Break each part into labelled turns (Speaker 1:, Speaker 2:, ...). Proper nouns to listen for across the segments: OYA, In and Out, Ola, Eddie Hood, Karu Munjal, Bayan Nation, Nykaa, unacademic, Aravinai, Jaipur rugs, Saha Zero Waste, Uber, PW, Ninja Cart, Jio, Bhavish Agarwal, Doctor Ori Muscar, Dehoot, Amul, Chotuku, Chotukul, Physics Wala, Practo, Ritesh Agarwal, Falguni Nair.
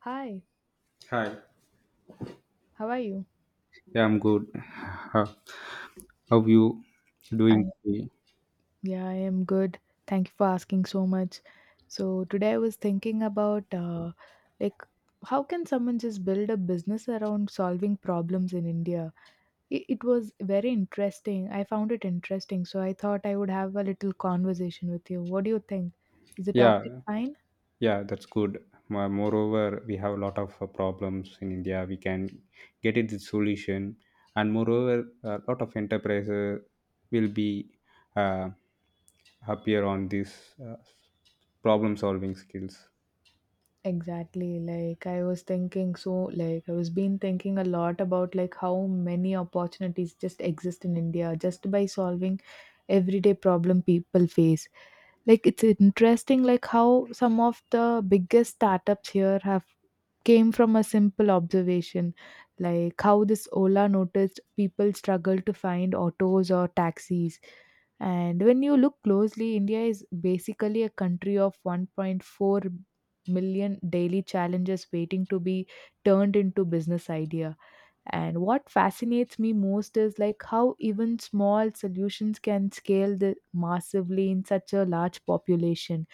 Speaker 1: Hi,
Speaker 2: Hi.
Speaker 1: how are you?
Speaker 2: Yeah, I'm good. How you
Speaker 1: I
Speaker 2: doing today?
Speaker 1: Yeah, I am good. Thank you for asking so much. So today I was thinking about like how can someone just build a business around solving problems in India? It was very interesting. I found it interesting, so I thought I would have a little conversation with you. What do you think? Is the topic
Speaker 2: Yeah,
Speaker 1: fine?
Speaker 2: yeah, that's good. Moreover, we have a lot of problems in India. We can get it the solution, and moreover, a lot of enterprises will be uh, happier on this problem solving skills.
Speaker 1: Exactly. Like I was thinking so like I was been thinking a lot about like how many opportunities just exist in India just by solving everyday problem people face. Like it's interesting like how some of the biggest startups here have came from a simple observation, like how this Ola noticed people struggle to find autos or taxis. And when you look closely, India is basically a country of 1.4 million daily challenges waiting to be turned into business idea. And what fascinates me most is like how even small solutions can scale the massively in such a large population.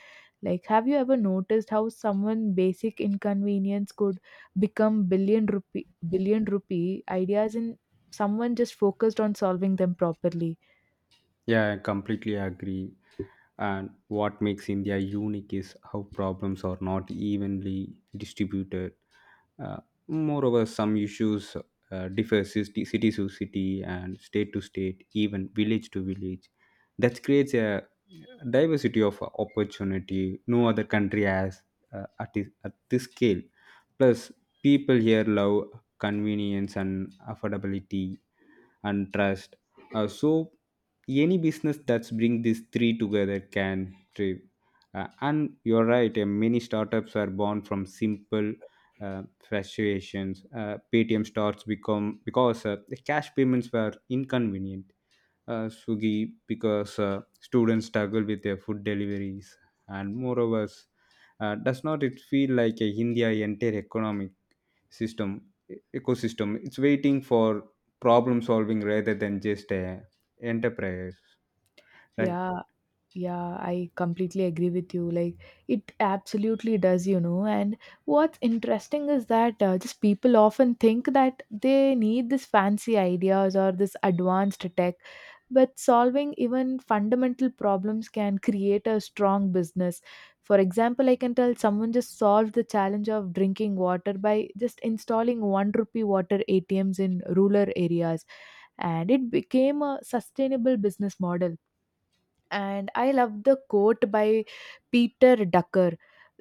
Speaker 1: Like, have you ever noticed how someone basic inconvenience could become billion rupee ideas in someone just focused on solving them properly?
Speaker 2: Yeah, I completely agree. And what makes India unique is how problems are not evenly distributed. Uh, Moreover, some issues differ city to city and state to state, even village to village. That creates a diversity of opportunity no other country has at this scale. Plus, people here love convenience and affordability and trust. So any business that's bring these three together can thrive. And you're right, many startups are born from simple fluctuations. Paytm starts become because the cash payments were inconvenient. Swiggy because students struggle with their food deliveries, and moreover, does not it feel like a India entire economic system, ecosystem, it's waiting for problem solving rather than just a enterprise, right?
Speaker 1: Yeah, yeah, I completely agree with you. Like, it absolutely does, you know. And what's interesting is that just people often think that they need this fancy ideas or this advanced tech, but solving even fundamental problems can create a strong business. For example, I can tell someone just solved the challenge of drinking water by just installing one rupee water ATMs in rural areas, and it became a sustainable business model. And I love the quote by Peter Ducker.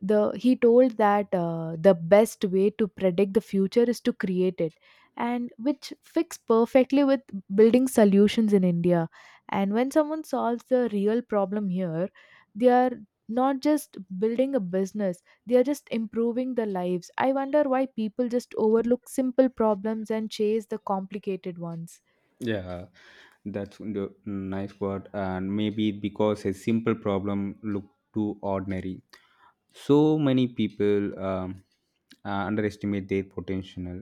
Speaker 1: The he told that the best way to predict the future is to create it, and which fits perfectly with building solutions in India. And when someone solves the real problem here, they are not just building a business, they are just improving their lives. I wonder why people just overlook simple problems and chase the complicated ones.
Speaker 2: Yeah, that's the nice word. And maybe because a simple problem look too ordinary, so many people underestimate their potential.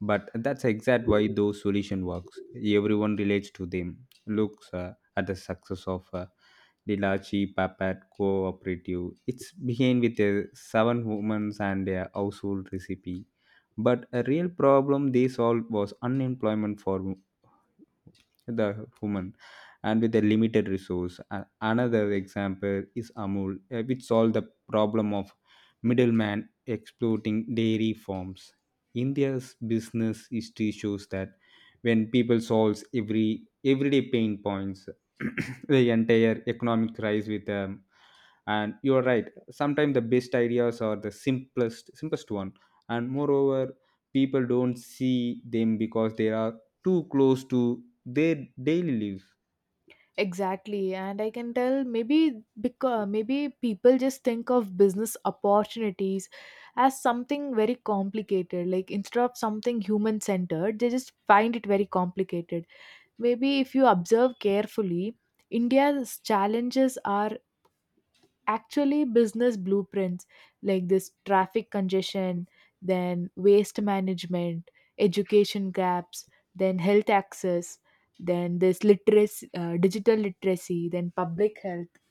Speaker 2: But that's exact why those solution works. Everyone relates to them. Looks at the success of Dilachi Papat Cooperative. It's began with a seven women and a household recipe. But a real problem they solved was unemployment for the human and with a limited resource. Another example is Amul, which solved the problem of middleman exploiting dairy farms. India's business history shows that when people solves everyday pain points, the entire economic rise with them. And you're right, sometimes the best ideas are the simplest one, and moreover, people don't see them because they are too close to their daily life.
Speaker 1: Exactly, and I can tell maybe because maybe people just think of business opportunities as something very complicated. Like instead of something human centered, they just find it very complicated. Maybe if you observe carefully, India's challenges are actually business blueprints, like this traffic congestion, then waste management, education gaps, then health access, then this literacy, digital literacy, then public health,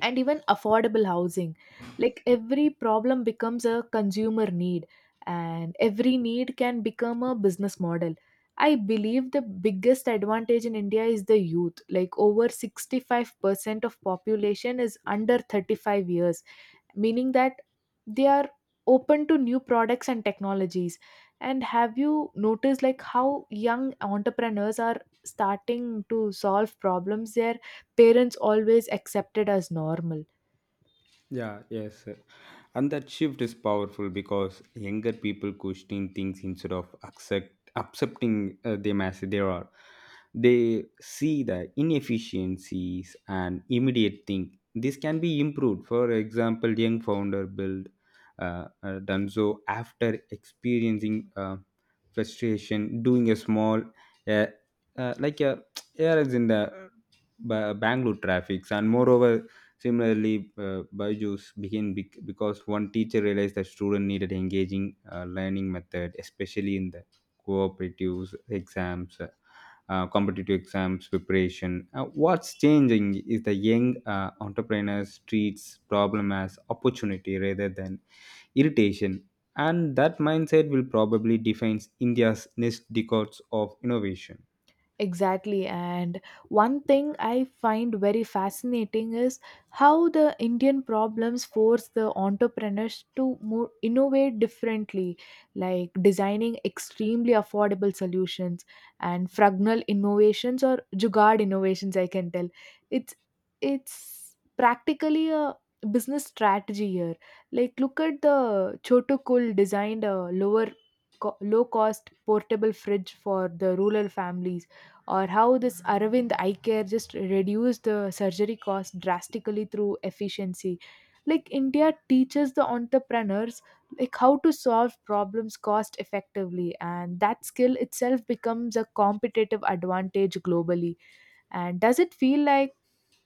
Speaker 1: and even affordable housing. Like every problem becomes a consumer need, and every need can become a business model. I believe the biggest advantage in India is the youth. Like over 65% of population is under 35 years, meaning that they are open to new products and technologies. And have you noticed like how young entrepreneurs are starting to solve problems their parents always accepted as normal?
Speaker 2: Yeah, yes. And that shift is powerful because younger people question things instead of accepting them as they are. They see the inefficiencies and immediate thing. This can be improved. For example, young founder build done so after experiencing frustration, doing a small uh, like a errors in the Bangalore traffics, and moreover. Similarly, Byju's began because one teacher realized that students needed engaging learning method, especially in the cooperative exams, competitive exams preparation. What's changing is the young entrepreneurs treats problem as opportunity rather than irritation, and that mindset will probably defines India's next decades of innovation.
Speaker 1: Exactly. And one thing I find very fascinating is how the Indian problems force the entrepreneurs to more innovate differently, like designing extremely affordable solutions and frugal innovations or Jugaad innovations, I can tell. It's it's practically a business strategy here. Like look at the Chotukul designed a lower low cost portable fridge for the rural families, or how this Arvind Eye Care just reduced the surgery cost drastically through efficiency. Like India teaches the entrepreneurs like how to solve problems cost effectively, and that skill itself becomes a competitive advantage globally. And does it feel like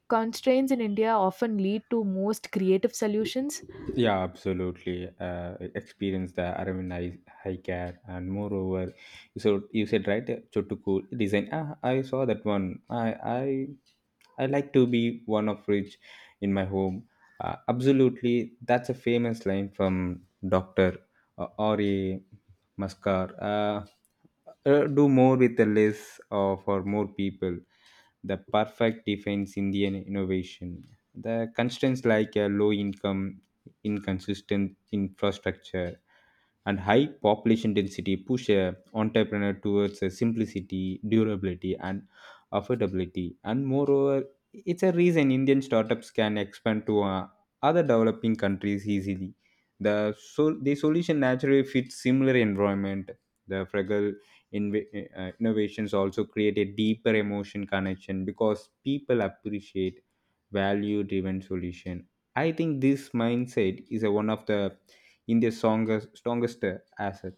Speaker 1: constraints in India often lead to most creative solutions?
Speaker 2: Yeah, absolutely. Experience the Aravinai high care, and moreover, you said right, Chotuku design. Ah, I saw that one. I like to be one of rich in my home. Absolutely, that's a famous line from Doctor Ori Muscar. Do more with the less for more people, the perfect defines Indian innovation. The constraints like a low income, inconsistent infrastructure, and high population density push a entrepreneur towards a simplicity, durability, and affordability. And moreover, it's a reason Indian startups can expand to other developing countries easily. The solution naturally fits similar environment, the fragile. Innovations also create a deeper emotion connection because people appreciate value driven solution. I think this mindset is a one of the India's strongest asset.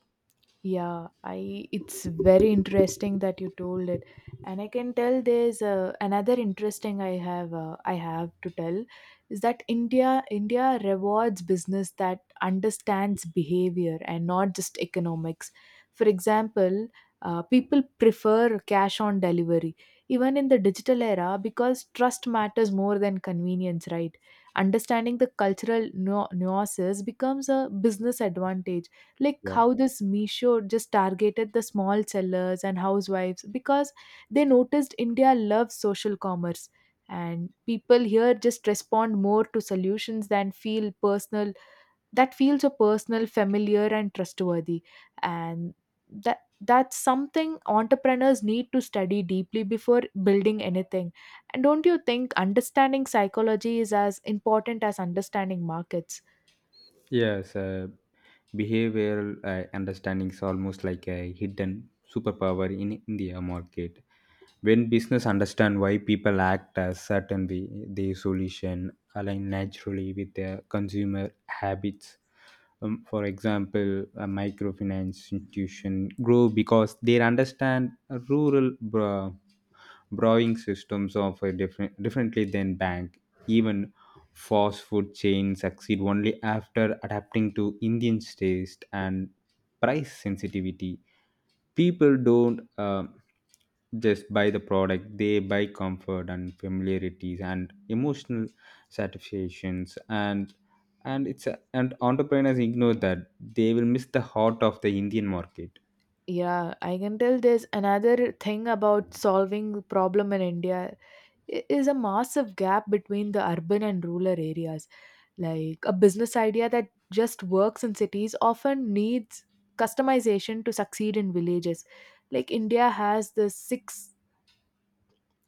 Speaker 1: Yeah, I it's very interesting that you told it, and I can tell there's another interesting I have to tell is that India rewards business that understands behavior and not just economics. For example, people prefer cash on delivery even in the digital era because trust matters more than convenience, right? Understanding the cultural nuances becomes a business advantage, like
Speaker 2: Yeah,
Speaker 1: how this Misho just targeted the small sellers and housewives because they noticed India loves social commerce, and people here just respond more to solutions than feel personal, that feel so personal, familiar and trustworthy. And that's something entrepreneurs need to study deeply before building anything. And don't you think understanding psychology is as important as understanding markets?
Speaker 2: yes. Behavioral understanding is almost like a hidden superpower in India market. When business understand why people act a certain way, their solution align naturally with their consumer habits. For example, a microfinance institution grow because they understand rural borrowing systems of a differently than bank. Even fast food chains succeed only after adapting to Indian taste and price sensitivity. People don't just buy the product. They buy comfort and familiarities and emotional satisfactions. And entrepreneurs ignore that, they will miss the heart of the Indian market.
Speaker 1: Yeah, I can tell there's another thing about solving problem in India is a massive gap between the urban and rural areas. Like a business idea that just works in cities often needs customization to succeed in villages. Like India has the six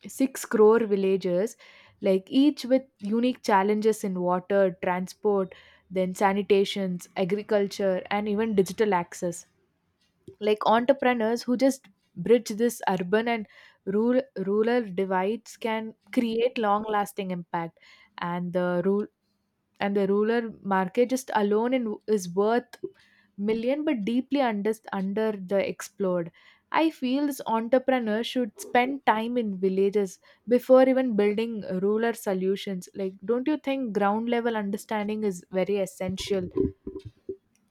Speaker 1: six crore villages, like each with unique challenges in water, transport, then sanitations, agriculture, and even digital access. Like entrepreneurs who just bridge this urban and rural divides can create long lasting impact. And the rule and the rural market just alone in, is worth million but deeply under the explored. I feel this entrepreneur should spend time in villages before even building rural solutions. Like don't you think ground level understanding is very essential?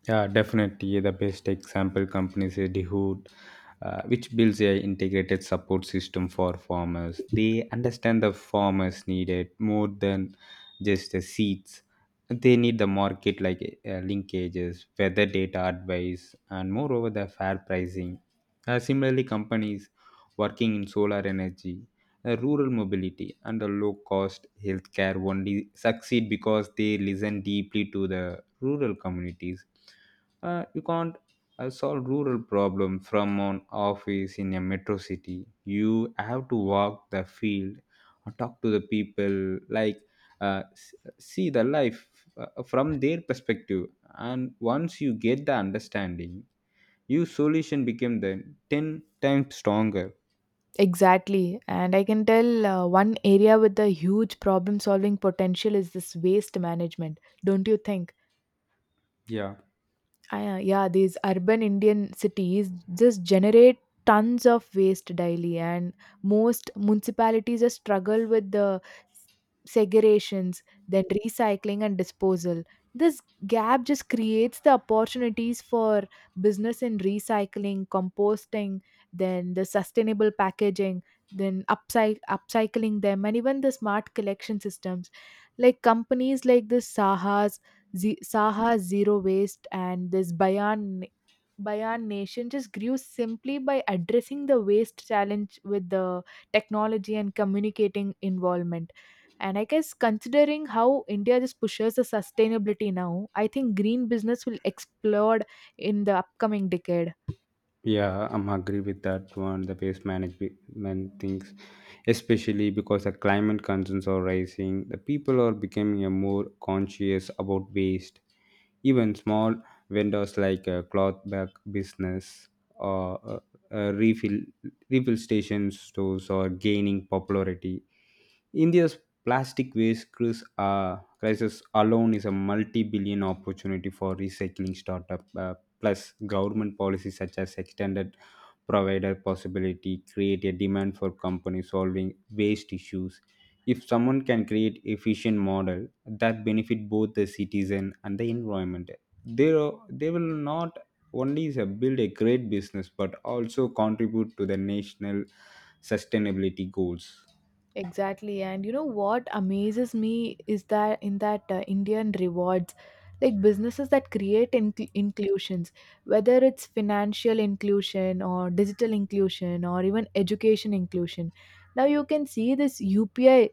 Speaker 2: Yeah, definitely. The best example companies is Dehoot, which builds a integrated support system for farmers. They understand the farmers needed more than just the seeds. They need the market like linkages, weather data advice, and moreover the fair pricing. Similarly, companies working in solar energy, rural mobility, and a low cost healthcare only succeed because they listen deeply to the rural communities. You can't solve rural problem from an office in a metro city. You have to walk the field, talk to the people, like uh, s- see the life from their perspective. And once you get the understanding, your solution became the 10 times stronger.
Speaker 1: Exactly. And I can tell one area with a huge problem solving potential is this waste management, don't you think?
Speaker 2: Yeah.
Speaker 1: Yeah, these urban Indian cities just generate tons of waste daily, and most municipalities just struggle with the segregations, then recycling and disposal. This gap just creates the opportunities for business in recycling, composting, then the sustainable packaging, then upcycling them, and even the smart collection systems. Like companies like this sahas Saha Zero Waste and this Bayan Nation just grew simply by addressing the waste challenge with the technology and communicating involvement. And I guess considering how India just pushes the sustainability now, I think green business will explode in the upcoming decade.
Speaker 2: Yeah, I'm agree with that one. The waste management things, especially because the climate concerns are rising, the people are becoming a more conscious about waste. Even small vendors like a cloth bag business or uh, refill refill station stores are gaining popularity. India's plastic waste crisis alone is a multi-billion opportunity for recycling startup. Plus, government policies such as extended provider possibility create a demand for companies solving waste issues. If someone can create efficient model that benefit both the citizen and the environment, they will not only is a build a great business but also contribute to the national sustainability goals.
Speaker 1: Exactly. And you know what amazes me is that in that Indian rewards, like businesses that create inclusions, whether it's financial inclusion or digital inclusion or even education inclusion. Now you can see this UPI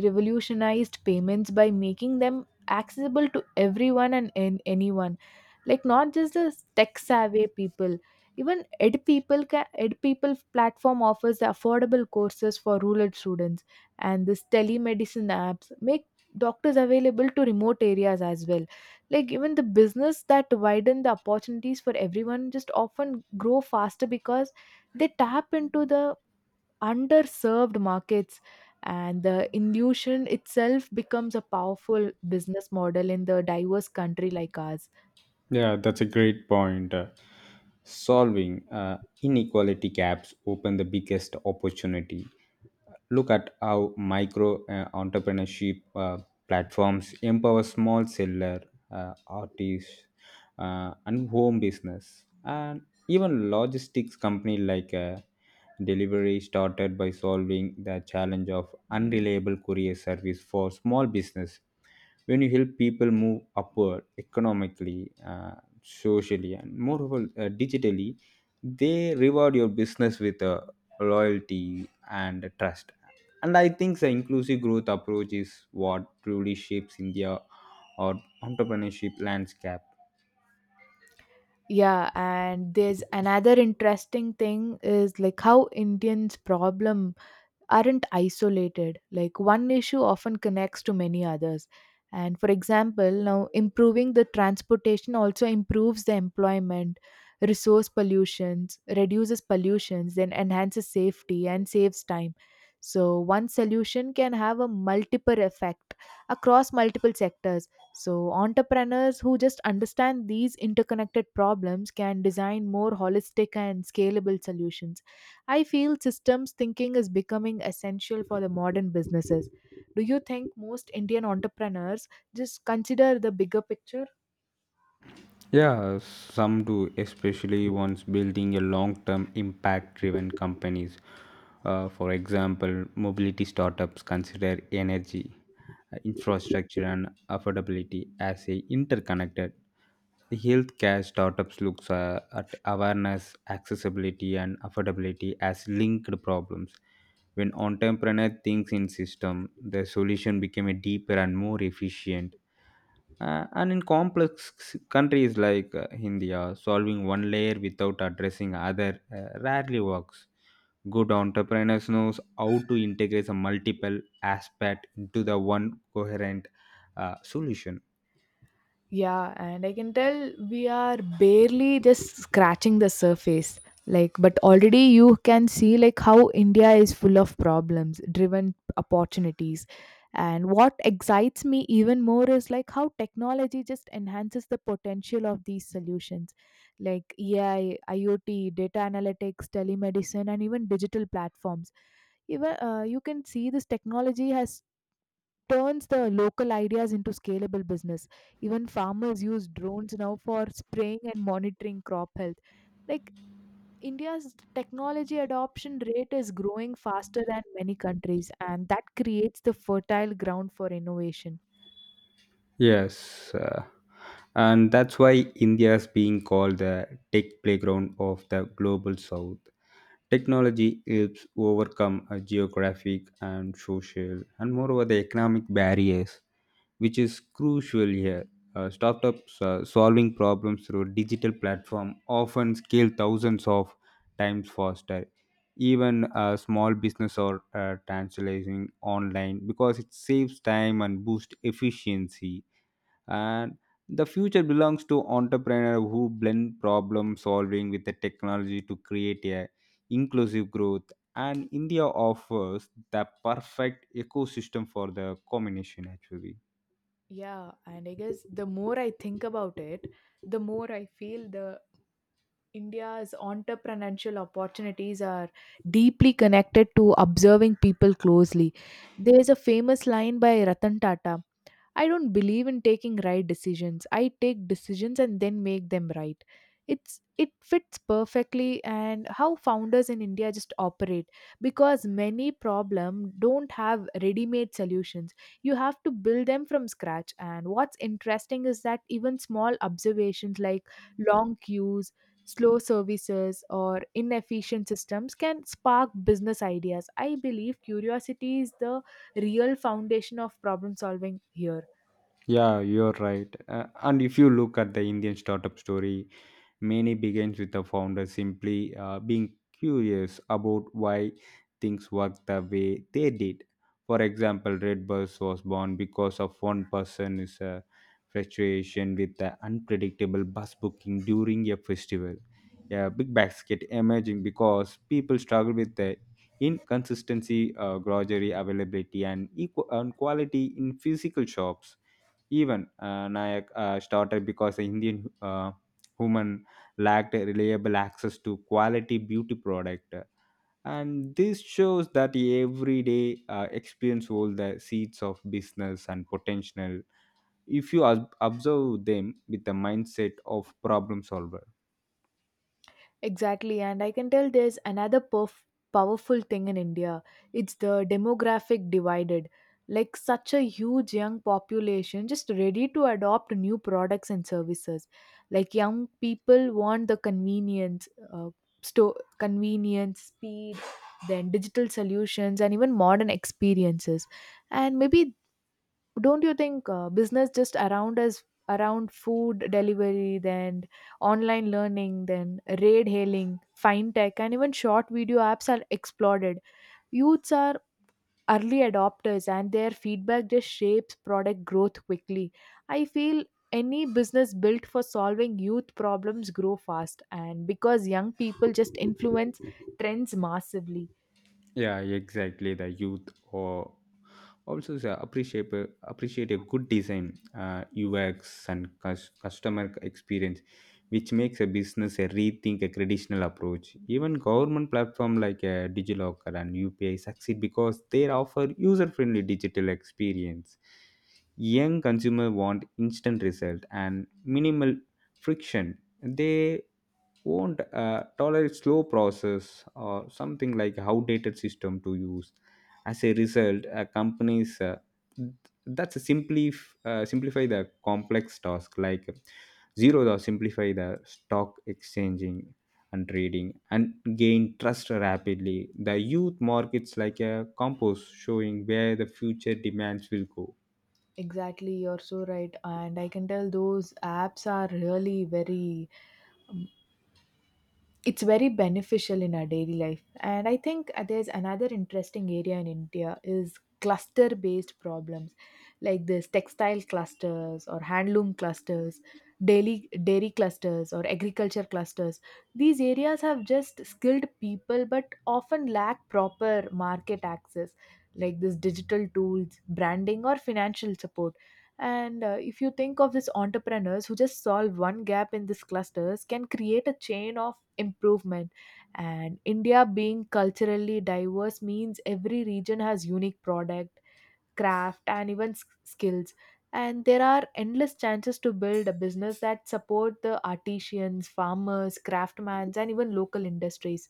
Speaker 1: revolutionized payments by making them accessible to everyone and anyone, like not just the tech savvy people. Even ed people platform offers affordable courses for rural students, and this telemedicine apps make doctors available to remote areas as well. Like even the business that widen the opportunities for everyone just often grow faster because they tap into the underserved markets, and the illusion itself becomes a powerful business model in the diverse country like ours.
Speaker 2: Yeah, that's a great point. Solving inequality gaps open the biggest opportunity. Look at how micro entrepreneurship platforms empower small seller, artists, and home business, and even logistics company like Delivery started by solving the challenge of unreliable courier service for small business. When you help people move upward economically, socially, and moreover digitally, they reward your business with loyalty and trust. And I think the inclusive growth approach is what truly shapes India or entrepreneurship landscape.
Speaker 1: Yeah, and there's another interesting thing is like how indians problem aren't isolated. Like one issue often connects to many others. And for example, now improving the transportation also improves the employment, resource pollutions, reduces pollutions, then enhances safety and saves time. So one solution can have a multiple effect across multiple sectors. So entrepreneurs who just understand these interconnected problems can design more holistic and scalable solutions. I feel systems thinking is becoming essential for the modern businesses. Do you think most Indian entrepreneurs just consider the bigger picture?
Speaker 2: Yeah, some do, especially ones building a long term impact driven companies. For example, mobility startups consider energy, infrastructure, and affordability as a interconnected. The healthcare startups looks at awareness, accessibility, and affordability as linked problems. When entrepreneurs thinks in system, the solution became a deeper and more efficient. And in complex countries like India, solving one layer without addressing other rarely works. Good entrepreneurs knows how to integrate a multiple aspect into the one coherent solution.
Speaker 1: Yeah, and I can tell we are barely just scratching the surface. Like, but already you can see like how India is full of problems, driven opportunities. And what excites me even more is like how technology just enhances the potential of these solutions, like AI, IoT, data analytics, telemedicine, and even digital platforms. Even you can see this technology has turns the local ideas into scalable business. Even farmers use drones now for spraying and monitoring crop health. Like India's technology adoption rate is growing faster than many countries, and that creates the fertile ground for innovation.
Speaker 2: Yes, and that's why India is being called the tech playground of the global south. Technology helps overcome geographic and social and moreover the economic barriers, which is crucial here. Startups solving problems through digital platform often scale thousands of times faster. Even small business are transacting online because it saves time and boosts efficiency, and the future belongs to entrepreneur who blend problem solving with the technology to create a inclusive growth. And India offers the perfect ecosystem for the combination actually.
Speaker 1: Yeah, and I guess the more I think about it, the more I feel the India's entrepreneurial opportunities are deeply connected to observing people closely. There's a famous line by Ratan Tata. I don't believe in taking right decisions. I take decisions and then make them right. It fits perfectly and how founders in India just operate because many problem don't have ready-made solutions. You have to build them from scratch. And what's interesting is that even small observations like long queues, slow services or inefficient systems can spark business ideas. I believe curiosity is the real foundation of problem solving here.
Speaker 2: Yeah, you're right. And if you look at the Indian startup story, many begins with the founder simply being curious about why things worked the way they did. For example, Redbus was born because of one person is a fluctuation with the unpredictable bus booking during a festival. A big basket emerging because people struggle with the inconsistency, grocery availability, and equal and quality in physical shops. Even Nayak started because the Indian woman lacked reliable access to quality beauty product. And this shows that everyday experience hold the seeds of business and potential if you observe them with the mindset of problem solver.
Speaker 1: Exactly, and I can tell there's another powerful thing in India. It's the demographic divided. Like such a huge young population just ready to adopt new products and services. Like young people want the convenience, convenience, speed, then digital solutions, and even modern experiences. And maybe don't you think business just around us around food delivery, then online learning, then raid hailing, fintech, and even short video apps are exploded. Youths are early adopters, and their feedback just shapes product growth quickly. I feel any business built for solving youth problems grow fast, and because young people just influence trends massively.
Speaker 2: Yeah, exactly. The youth or also say appreciate a good design, UX and customer experience, which makes a business a rethink a traditional approach. Even government platform like DigiLocker and UPI succeed because they offer user friendly digital experience. Young consumer want instant result and minimal friction. They won't tolerate slow process or something like outdated system to use. As a result, companies that's a simply simplify the complex task, like Zero, the simplify the stock exchanging and trading and gain trust rapidly. The youth markets like a compost showing where the future demands will go.
Speaker 1: Exactly, you're so right, and I can tell those apps are really very, it's very beneficial in our daily life. And I think there's another interesting area in India is cluster based problems, like this textile clusters or handloom clusters, daily dairy clusters or agriculture clusters. These areas have just skilled people but often lack proper market access, like this digital tools, branding, or financial support. And if you think of these entrepreneurs who just solve one gap in these clusters, can create a chain of improvement. And India being culturally diverse means every region has unique product, craft, and even skills. And there are endless chances to build a business that support the artisans, farmers, craftsmen, and even local industries.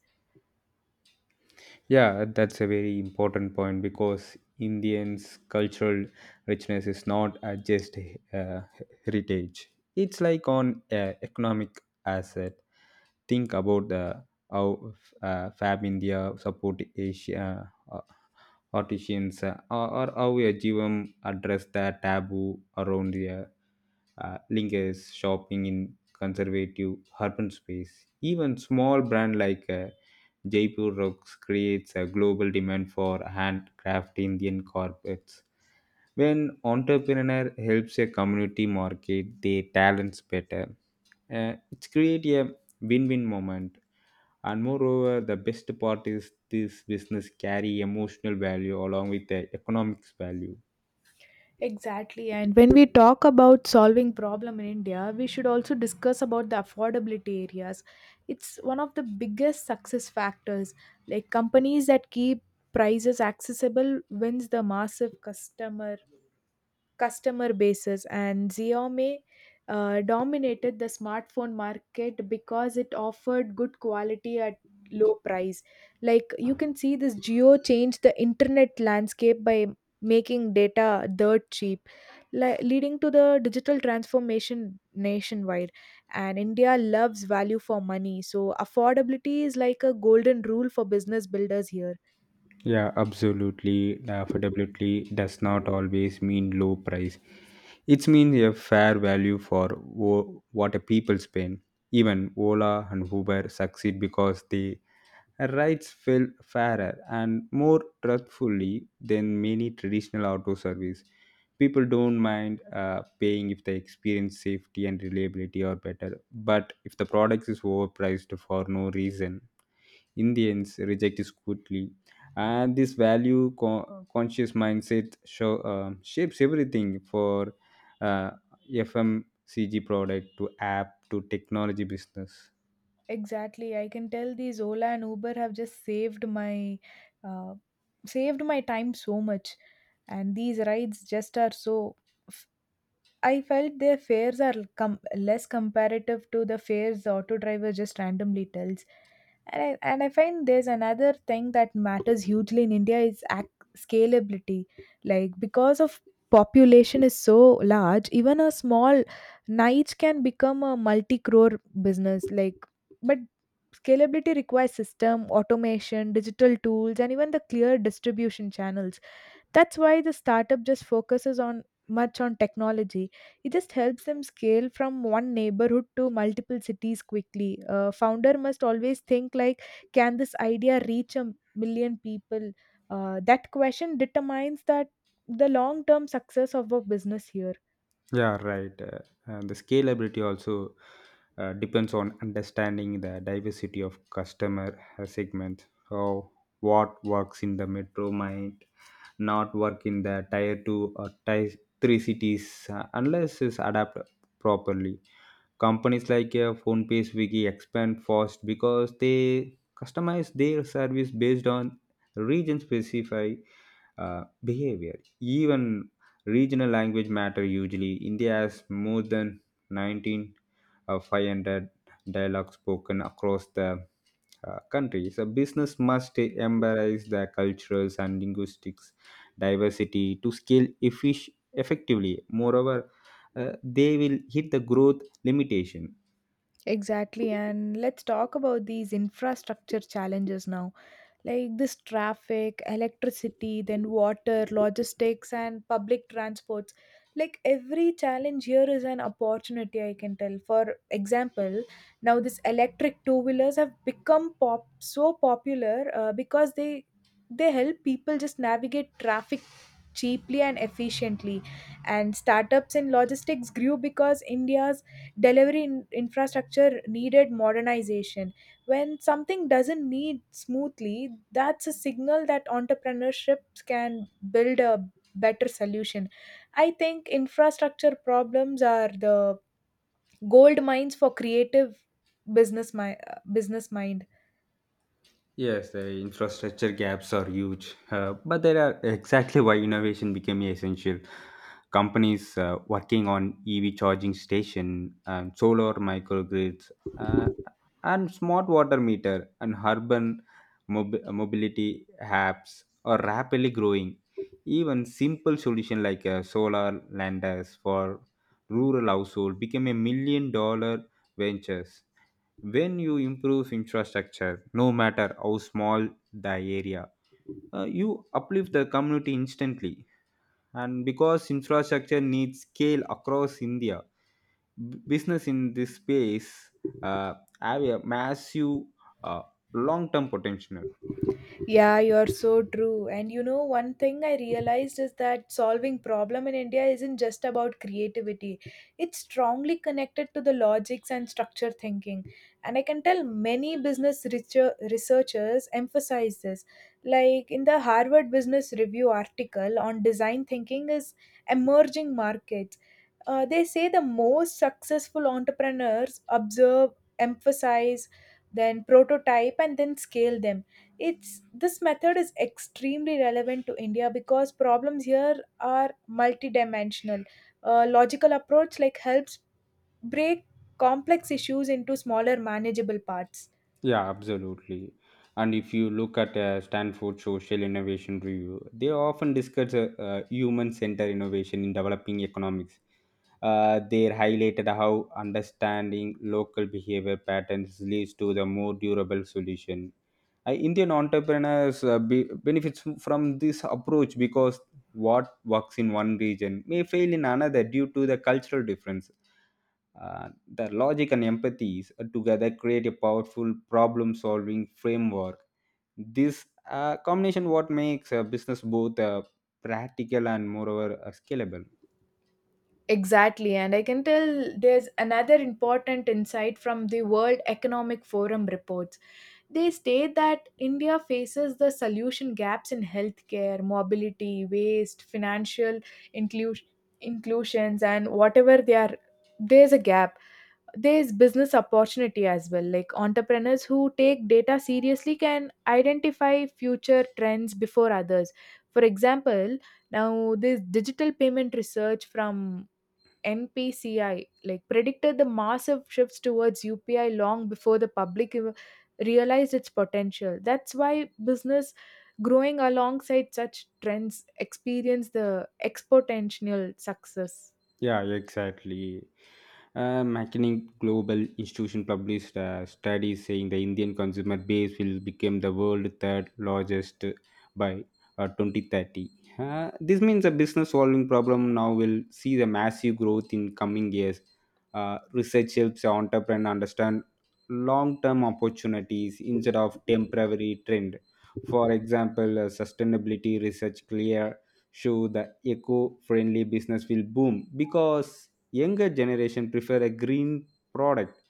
Speaker 2: Yeah, that's a very important point because Indians' cultural richness is not just uh, heritage. It's like on economic asset. Think about the how Fab India support Asia artisans or how a GM address the taboo around the lingers shopping in conservative urban space. Even small brand like Jaipur rugs creates a global demand for handcraft Indian carpets. When entrepreneur helps a community market their talents better, it's create a win-win moment. And moreover, the best part is this business carry emotional value along with the economics value.
Speaker 1: Exactly. And when we talk about solving problem in India, we should also discuss about the affordability areas. It's one of the biggest success factors. Like companies that keep prices accessible wins the massive customer bases. And Xiaomi dominated the smartphone market because it offered good quality at low price. Like you can see this Geo changed the internet landscape by making data dirt cheap, leading to the digital transformation nationwide. And India loves value for money, so affordability is like a golden rule for business builders here.
Speaker 2: Yeah, absolutely. Affordability does not always mean low price. It means a fair value for what a people spend. Even Ola and Uber succeed because the rides feel fairer and more trustfully than many traditional auto service. People don't mind paying if they experience safety and reliability or better. But if the product is overpriced for no reason, Indians reject scrutiny, and this conscious mindset shapes everything for uh, FMCG product to app to technology business.
Speaker 1: Exactly, I can tell these Ola and Uber have just saved my, uh, saved my time so much. And these rides just are so f- I felt their fares are less comparative to the fares the auto driver just randomly tells. And I find there's another thing that matters hugely in India is scalability. Like because of population is so large, even a small niche can become a multi crore business, like, but scalability requires system automation, digital tools, and even the clear distribution channels. That's why the startup just focuses on much on technology. It just helps them scale from one neighborhood to multiple cities quickly. A founder must always think like, can this idea reach a million people? That question determines that the long-term success of a business here.
Speaker 2: Yeah, right. And the scalability also depends on understanding the diversity of customer segments. How what works in the metro might not work in the tier two or tier three cities unless it's adapted properly. Companies like phonepay swiggy expand fast because they customize their service based on region specific behavior, even regional language matter. Usually india has more than 19 500 dialogue spoken across the country, so business must embrace the cultural and linguistics diversity to scale effectively. Moreover, they will hit the growth limitation.
Speaker 1: Exactly, and let's talk about these infrastructure challenges now. Like this traffic, electricity, then water, logistics, and public transports. Like every challenge here is an opportunity, I can tell. For example, now this electric two wheelers have become pop so popular because they help people just navigate traffic cheaply and efficiently. And startups in logistics grew because India's delivery infrastructure needed modernization. When something doesn't need smoothly, that's a signal that entrepreneurship can build a better solution. I think infrastructure problems are the gold mines for creative business mind.
Speaker 2: Yes, the infrastructure gaps are huge, but there are exactly why innovation became essential. Companies working on EV charging station, solar microgrids, uh, and smart water meter and urban mobility apps are rapidly growing. Even simple solution like a solar landers for rural household became $1 million ventures. When you improve infrastructure, no matter how small the area, you uplift the community instantly, and because infrastructure needs scale across india, business in this space uh, have a massive uh, long-term potential.
Speaker 1: Yeah, you're so true. And you know, one thing I realized is that solving problem in India isn't just about creativity. It's strongly connected to the logics and structure thinking. And I can tell many researchers emphasize this. Like in the Harvard Business Review article on design thinking is emerging markets. They say the most successful entrepreneurs observe, emphasize, then prototype, and then scale them. It's this method is extremely relevant to India because problems here are multidimensional. A logical approach like helps break complex issues into smaller manageable parts.
Speaker 2: Yeah, absolutely. And if you look at Stanford Social Innovation Review, they often discuss human-centered innovation in developing economics. They highlighted how understanding local behavior patterns leads to the more durable solution. Indian entrepreneurs benefits from this approach because what works in one region may fail in another due to the cultural difference. The logic and empathy together create a powerful problem solving framework. This combination what makes a business both practical and moreover scalable.
Speaker 1: Exactly, and I can tell there's another important insight from the World Economic Forum reports. They state that India faces the solution gaps in healthcare, mobility, waste, financial inclusion, inclusions, and whatever they are. There's a gap. There's business opportunity as well, like entrepreneurs who take data seriously can identify future trends before others. For example, now this digital payment research from NPCI like predicted the massive shifts towards UPI long before the public realized its potential. That's why business growing alongside such trends experience the exponential success.
Speaker 2: Yeah, exactly. McKinney Global Institution published a study saying the Indian consumer base will become the world third largest by 2030. This means a business solving problem now will see the massive growth in coming years. Research helps entrepreneurs understand long term opportunities instead of temporary trend. For example, sustainability research clear show the eco-friendly business will boom because younger generation prefer a green product.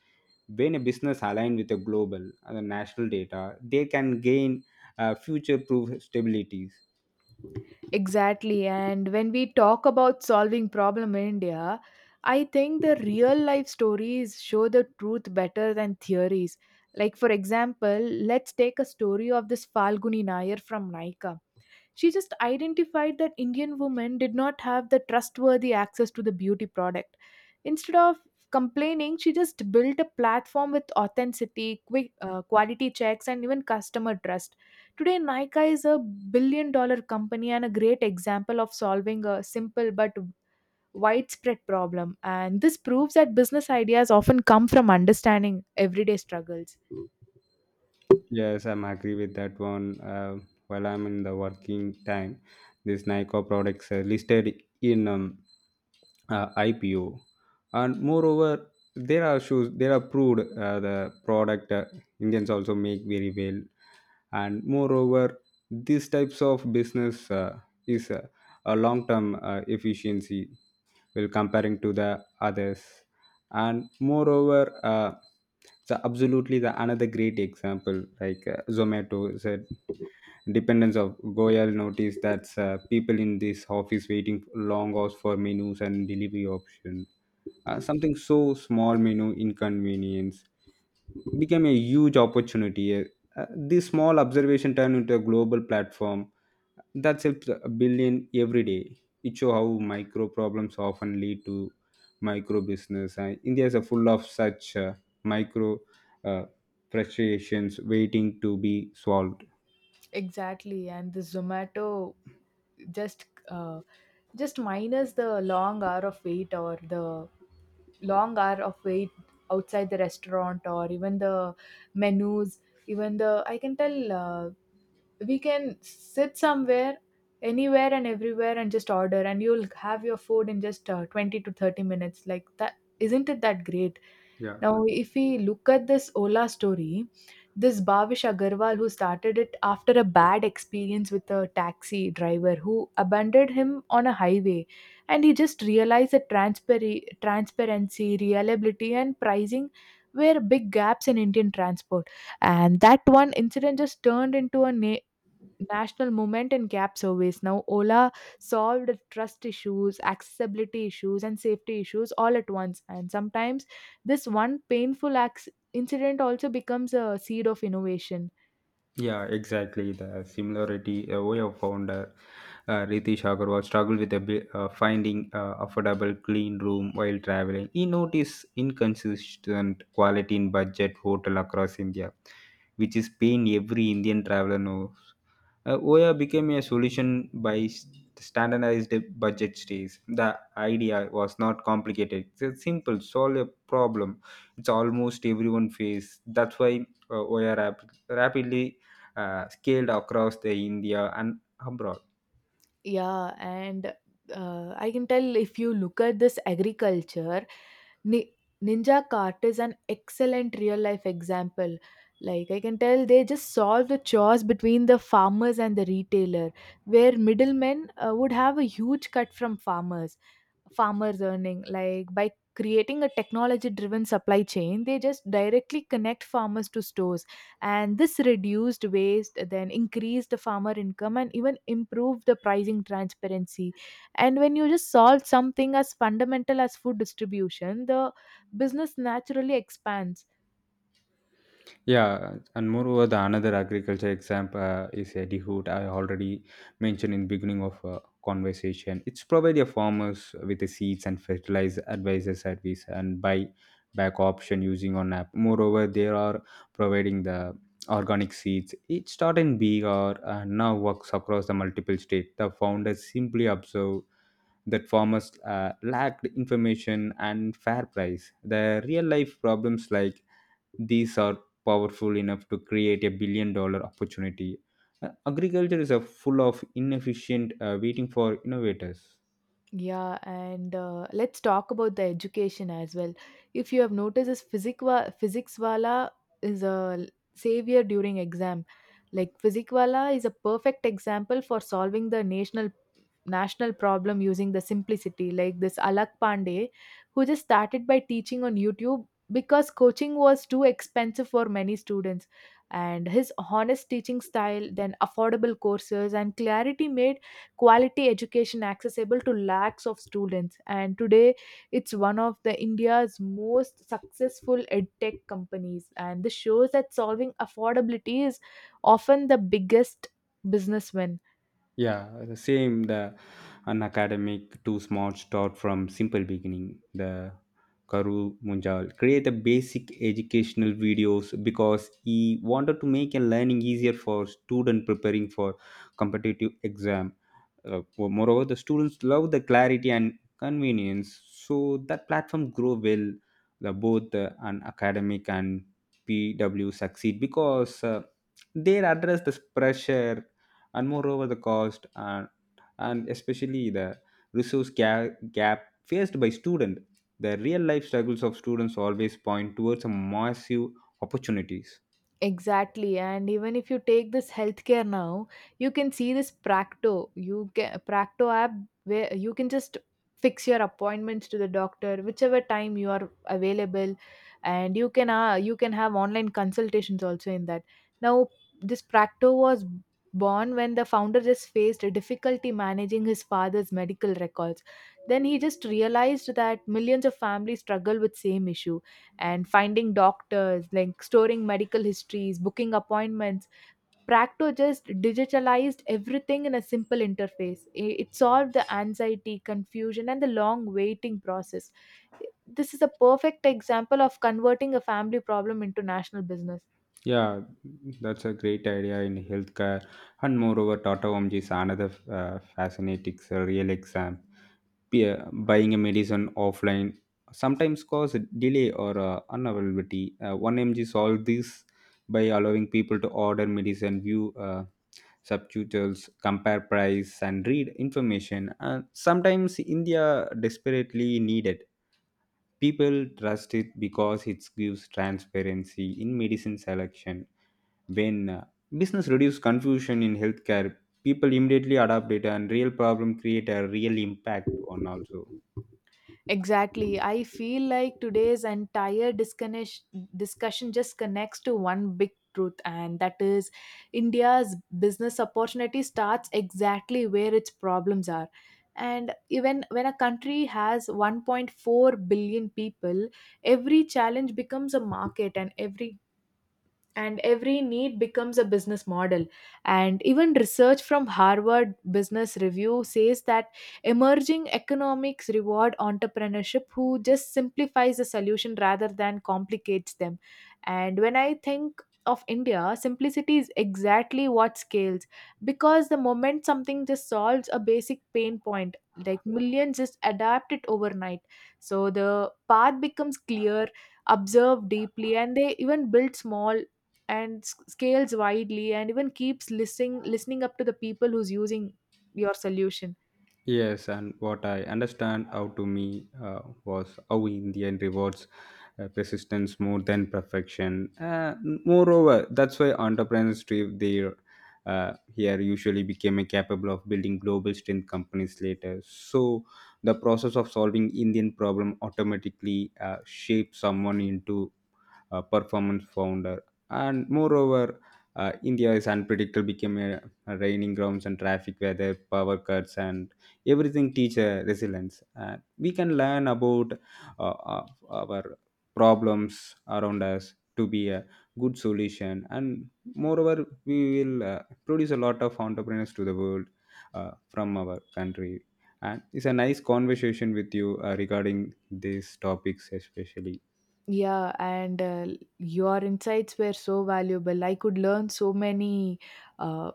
Speaker 2: When a business aligned with a global and national data, they can gain future-proof stabilities.
Speaker 1: Exactly. And when we talk about solving problem in India, I think the real life stories show the truth better than theories. Like for example, let's take a story of this Falguni Nair from Naika. She just identified that Indian women did not have the trustworthy access to the beauty product. Instead of complaining, she just built a platform with authenticity, quick quality checks, and even customer trust. Today, Nika is a billion dollar company and a great example of solving a simple but widespread problem. And this proves that business ideas often come from understanding everyday struggles.
Speaker 2: Yes, I'm agree with that one. While I'm in the working time, this Nykaa products are listed in IPO, and moreover, there are shoes. They are approved. The product, Indians also make very well, and moreover, these types of business is a long-term efficiency. Well, comparing to the others and moreover, the absolutely the another great example like zomato said dependence of goyal notice that's people in this office waiting long hours for menus and delivery option, something so small menu inconvenience became a huge opportunity. This small observation turned into a global platform that helps a billion every day. It shows how micro problems often lead to micro business. And India is a full of such micro uh, frustrations waiting to be solved.
Speaker 1: Exactly, and the Zomato just uh, just minus the long hour of wait outside the restaurant or even the menus, even the, I can tell, we can sit somewhere, anywhere and everywhere, and just order and you'll have your food in just 20 to 30 minutes like that. Isn't it that great?
Speaker 2: Yeah.
Speaker 1: Now if we look at this Ola story, this Bhavish Agarwal who started it after a bad experience with a taxi driver who abandoned him on a highway. And he just realized that transparency, reliability, and pricing were big gaps in Indian transport. And that one incident just turned into a national movement and cab service. Now, Ola solved trust issues, accessibility issues, and safety issues all at once. And sometimes this one painful incident also becomes a seed of innovation.
Speaker 2: Yeah, exactly. The similarity we have found, Ritesh Agarwal struggled with finding affordable clean room while traveling. He noticed inconsistent quality in budget hotel across India, which is pain every Indian traveler knows. OYA became a solution by standardized budget stays. The idea was not complicated. It's simple, solve a problem. It's almost everyone face. That's why OYA rapidly scaled across the India and abroad.
Speaker 1: Yeah, and I can tell if you look at this agriculture, Ni- Ninja Cart is an excellent real life example. Like I can tell, they just solve the chores between the farmers and the retailer, where middlemen would have a huge cut from farmers earning. Like by creating a technology driven supply chain, they just directly connect farmers to stores. And this reduced waste, then increased the farmer income, and even improved the pricing transparency. And when you just solve something as fundamental as food distribution, the business naturally expands.
Speaker 2: Yeah, and moreover, the another agriculture example is Eddie Hood. I already mentioned in beginning of conversation. It's provide your farmers with the seeds and fertilizer advisor service and buy back option using on app. Moreover, they are providing the organic seeds. It started in big or now works across the multiple state. The founders simply observe that farmers lacked information and fair price. The real life problems like these are powerful enough to create $1 billion opportunity. Agriculture is a full of inefficient waiting for innovators.
Speaker 1: Yeah, and let's talk about the education as well. If you have noticed, this physics wala is a savior during exam. Like physics wala is a perfect example for solving the national problem using the simplicity, like this Alak Pandey, who just started by teaching on YouTube because coaching was too expensive for many students. And his honest teaching style, then affordable courses and clarity, made quality education accessible to lakhs of students. And today, it's one of the India's most successful edtech companies. And this shows that solving affordability is often the biggest business win.
Speaker 2: Yeah, the same the unacademic too smart start from simple beginning. The Karu Munjal create a basic educational videos because he wanted to make a learning easier for student preparing for competitive exam. Moreover, the students love the clarity and convenience, so that platform grow well. The both an academic and PW succeed because they address this pressure and moreover the cost and especially the resource gap faced by student. The real life struggles of students always point towards a massive opportunities.
Speaker 1: Exactly, and even if you take this healthcare now, you can see this Practo. You can Practo app where you can just fix your appointments to the doctor whichever time you are available, and you can, you can have online consultations also in that. Now, this Practo was born when the founder just faced a difficulty managing his father's medical records. Then he just realized that millions of families struggle with same issue and finding doctors, like storing medical histories, booking appointments. Practo just digitalized everything in a simple interface. It solved the anxiety, confusion, and the long waiting process. This is a perfect example of converting a family problem into national business.
Speaker 2: Yeah, that's a great idea in healthcare. And moreover, Tata Omji is another fascinating real exam. Buying a medicine offline sometimes cause a delay or unavailability. 1MG solved this by allowing people to order medicine, view subtitles, compare price, and read information. And sometimes India desperately needed. People trust it because it gives transparency in medicine selection. When business reduce confusion in healthcare, people immediately adopt it and real problem create a real impact on also.
Speaker 1: Exactly. I feel like today's entire discussion just connects to one big truth, and that is India's business opportunity starts exactly where its problems are. And even when a country has 1.4 billion people, every challenge becomes a market, and every need becomes a business model. And even research from Harvard Business Review says that emerging economics reward entrepreneurship who just simplifies the solution rather than complicates them. And when I think of India, simplicity is exactly what scales, because the moment something just solves a basic pain point, like millions just adapt it overnight. So the path becomes clear. Observe deeply, and they even build small and scales widely, and even keeps listening up to the people who's using your solution.
Speaker 2: Yes, and what I understand how to me was how Indian rewards persistence more than perfection. Moreover, that's why entrepreneurship there here usually became a capable of building global strength companies later. So the process of solving Indian problem automatically shapes someone into performance founder. And moreover, India is unpredictable, became a raining grounds and traffic weather, power cuts, and everything teach resilience. And we can learn about our problems around us to be a good solution. And moreover, we will produce a lot of entrepreneurs to the world from our country. And it's a nice conversation with you regarding these topics, especially.
Speaker 1: Yeah, and your insights were so valuable. I could learn so many, uh,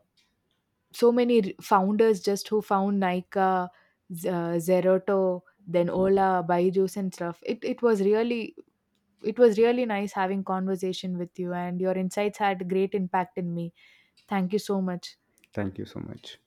Speaker 1: so many founders just who found Nika, Zeroto, then Ola, Byju's and stuff. It was really, it was really nice having conversation with you, and your insights had great impact in me. Thank you so much.
Speaker 2: Thank you so much.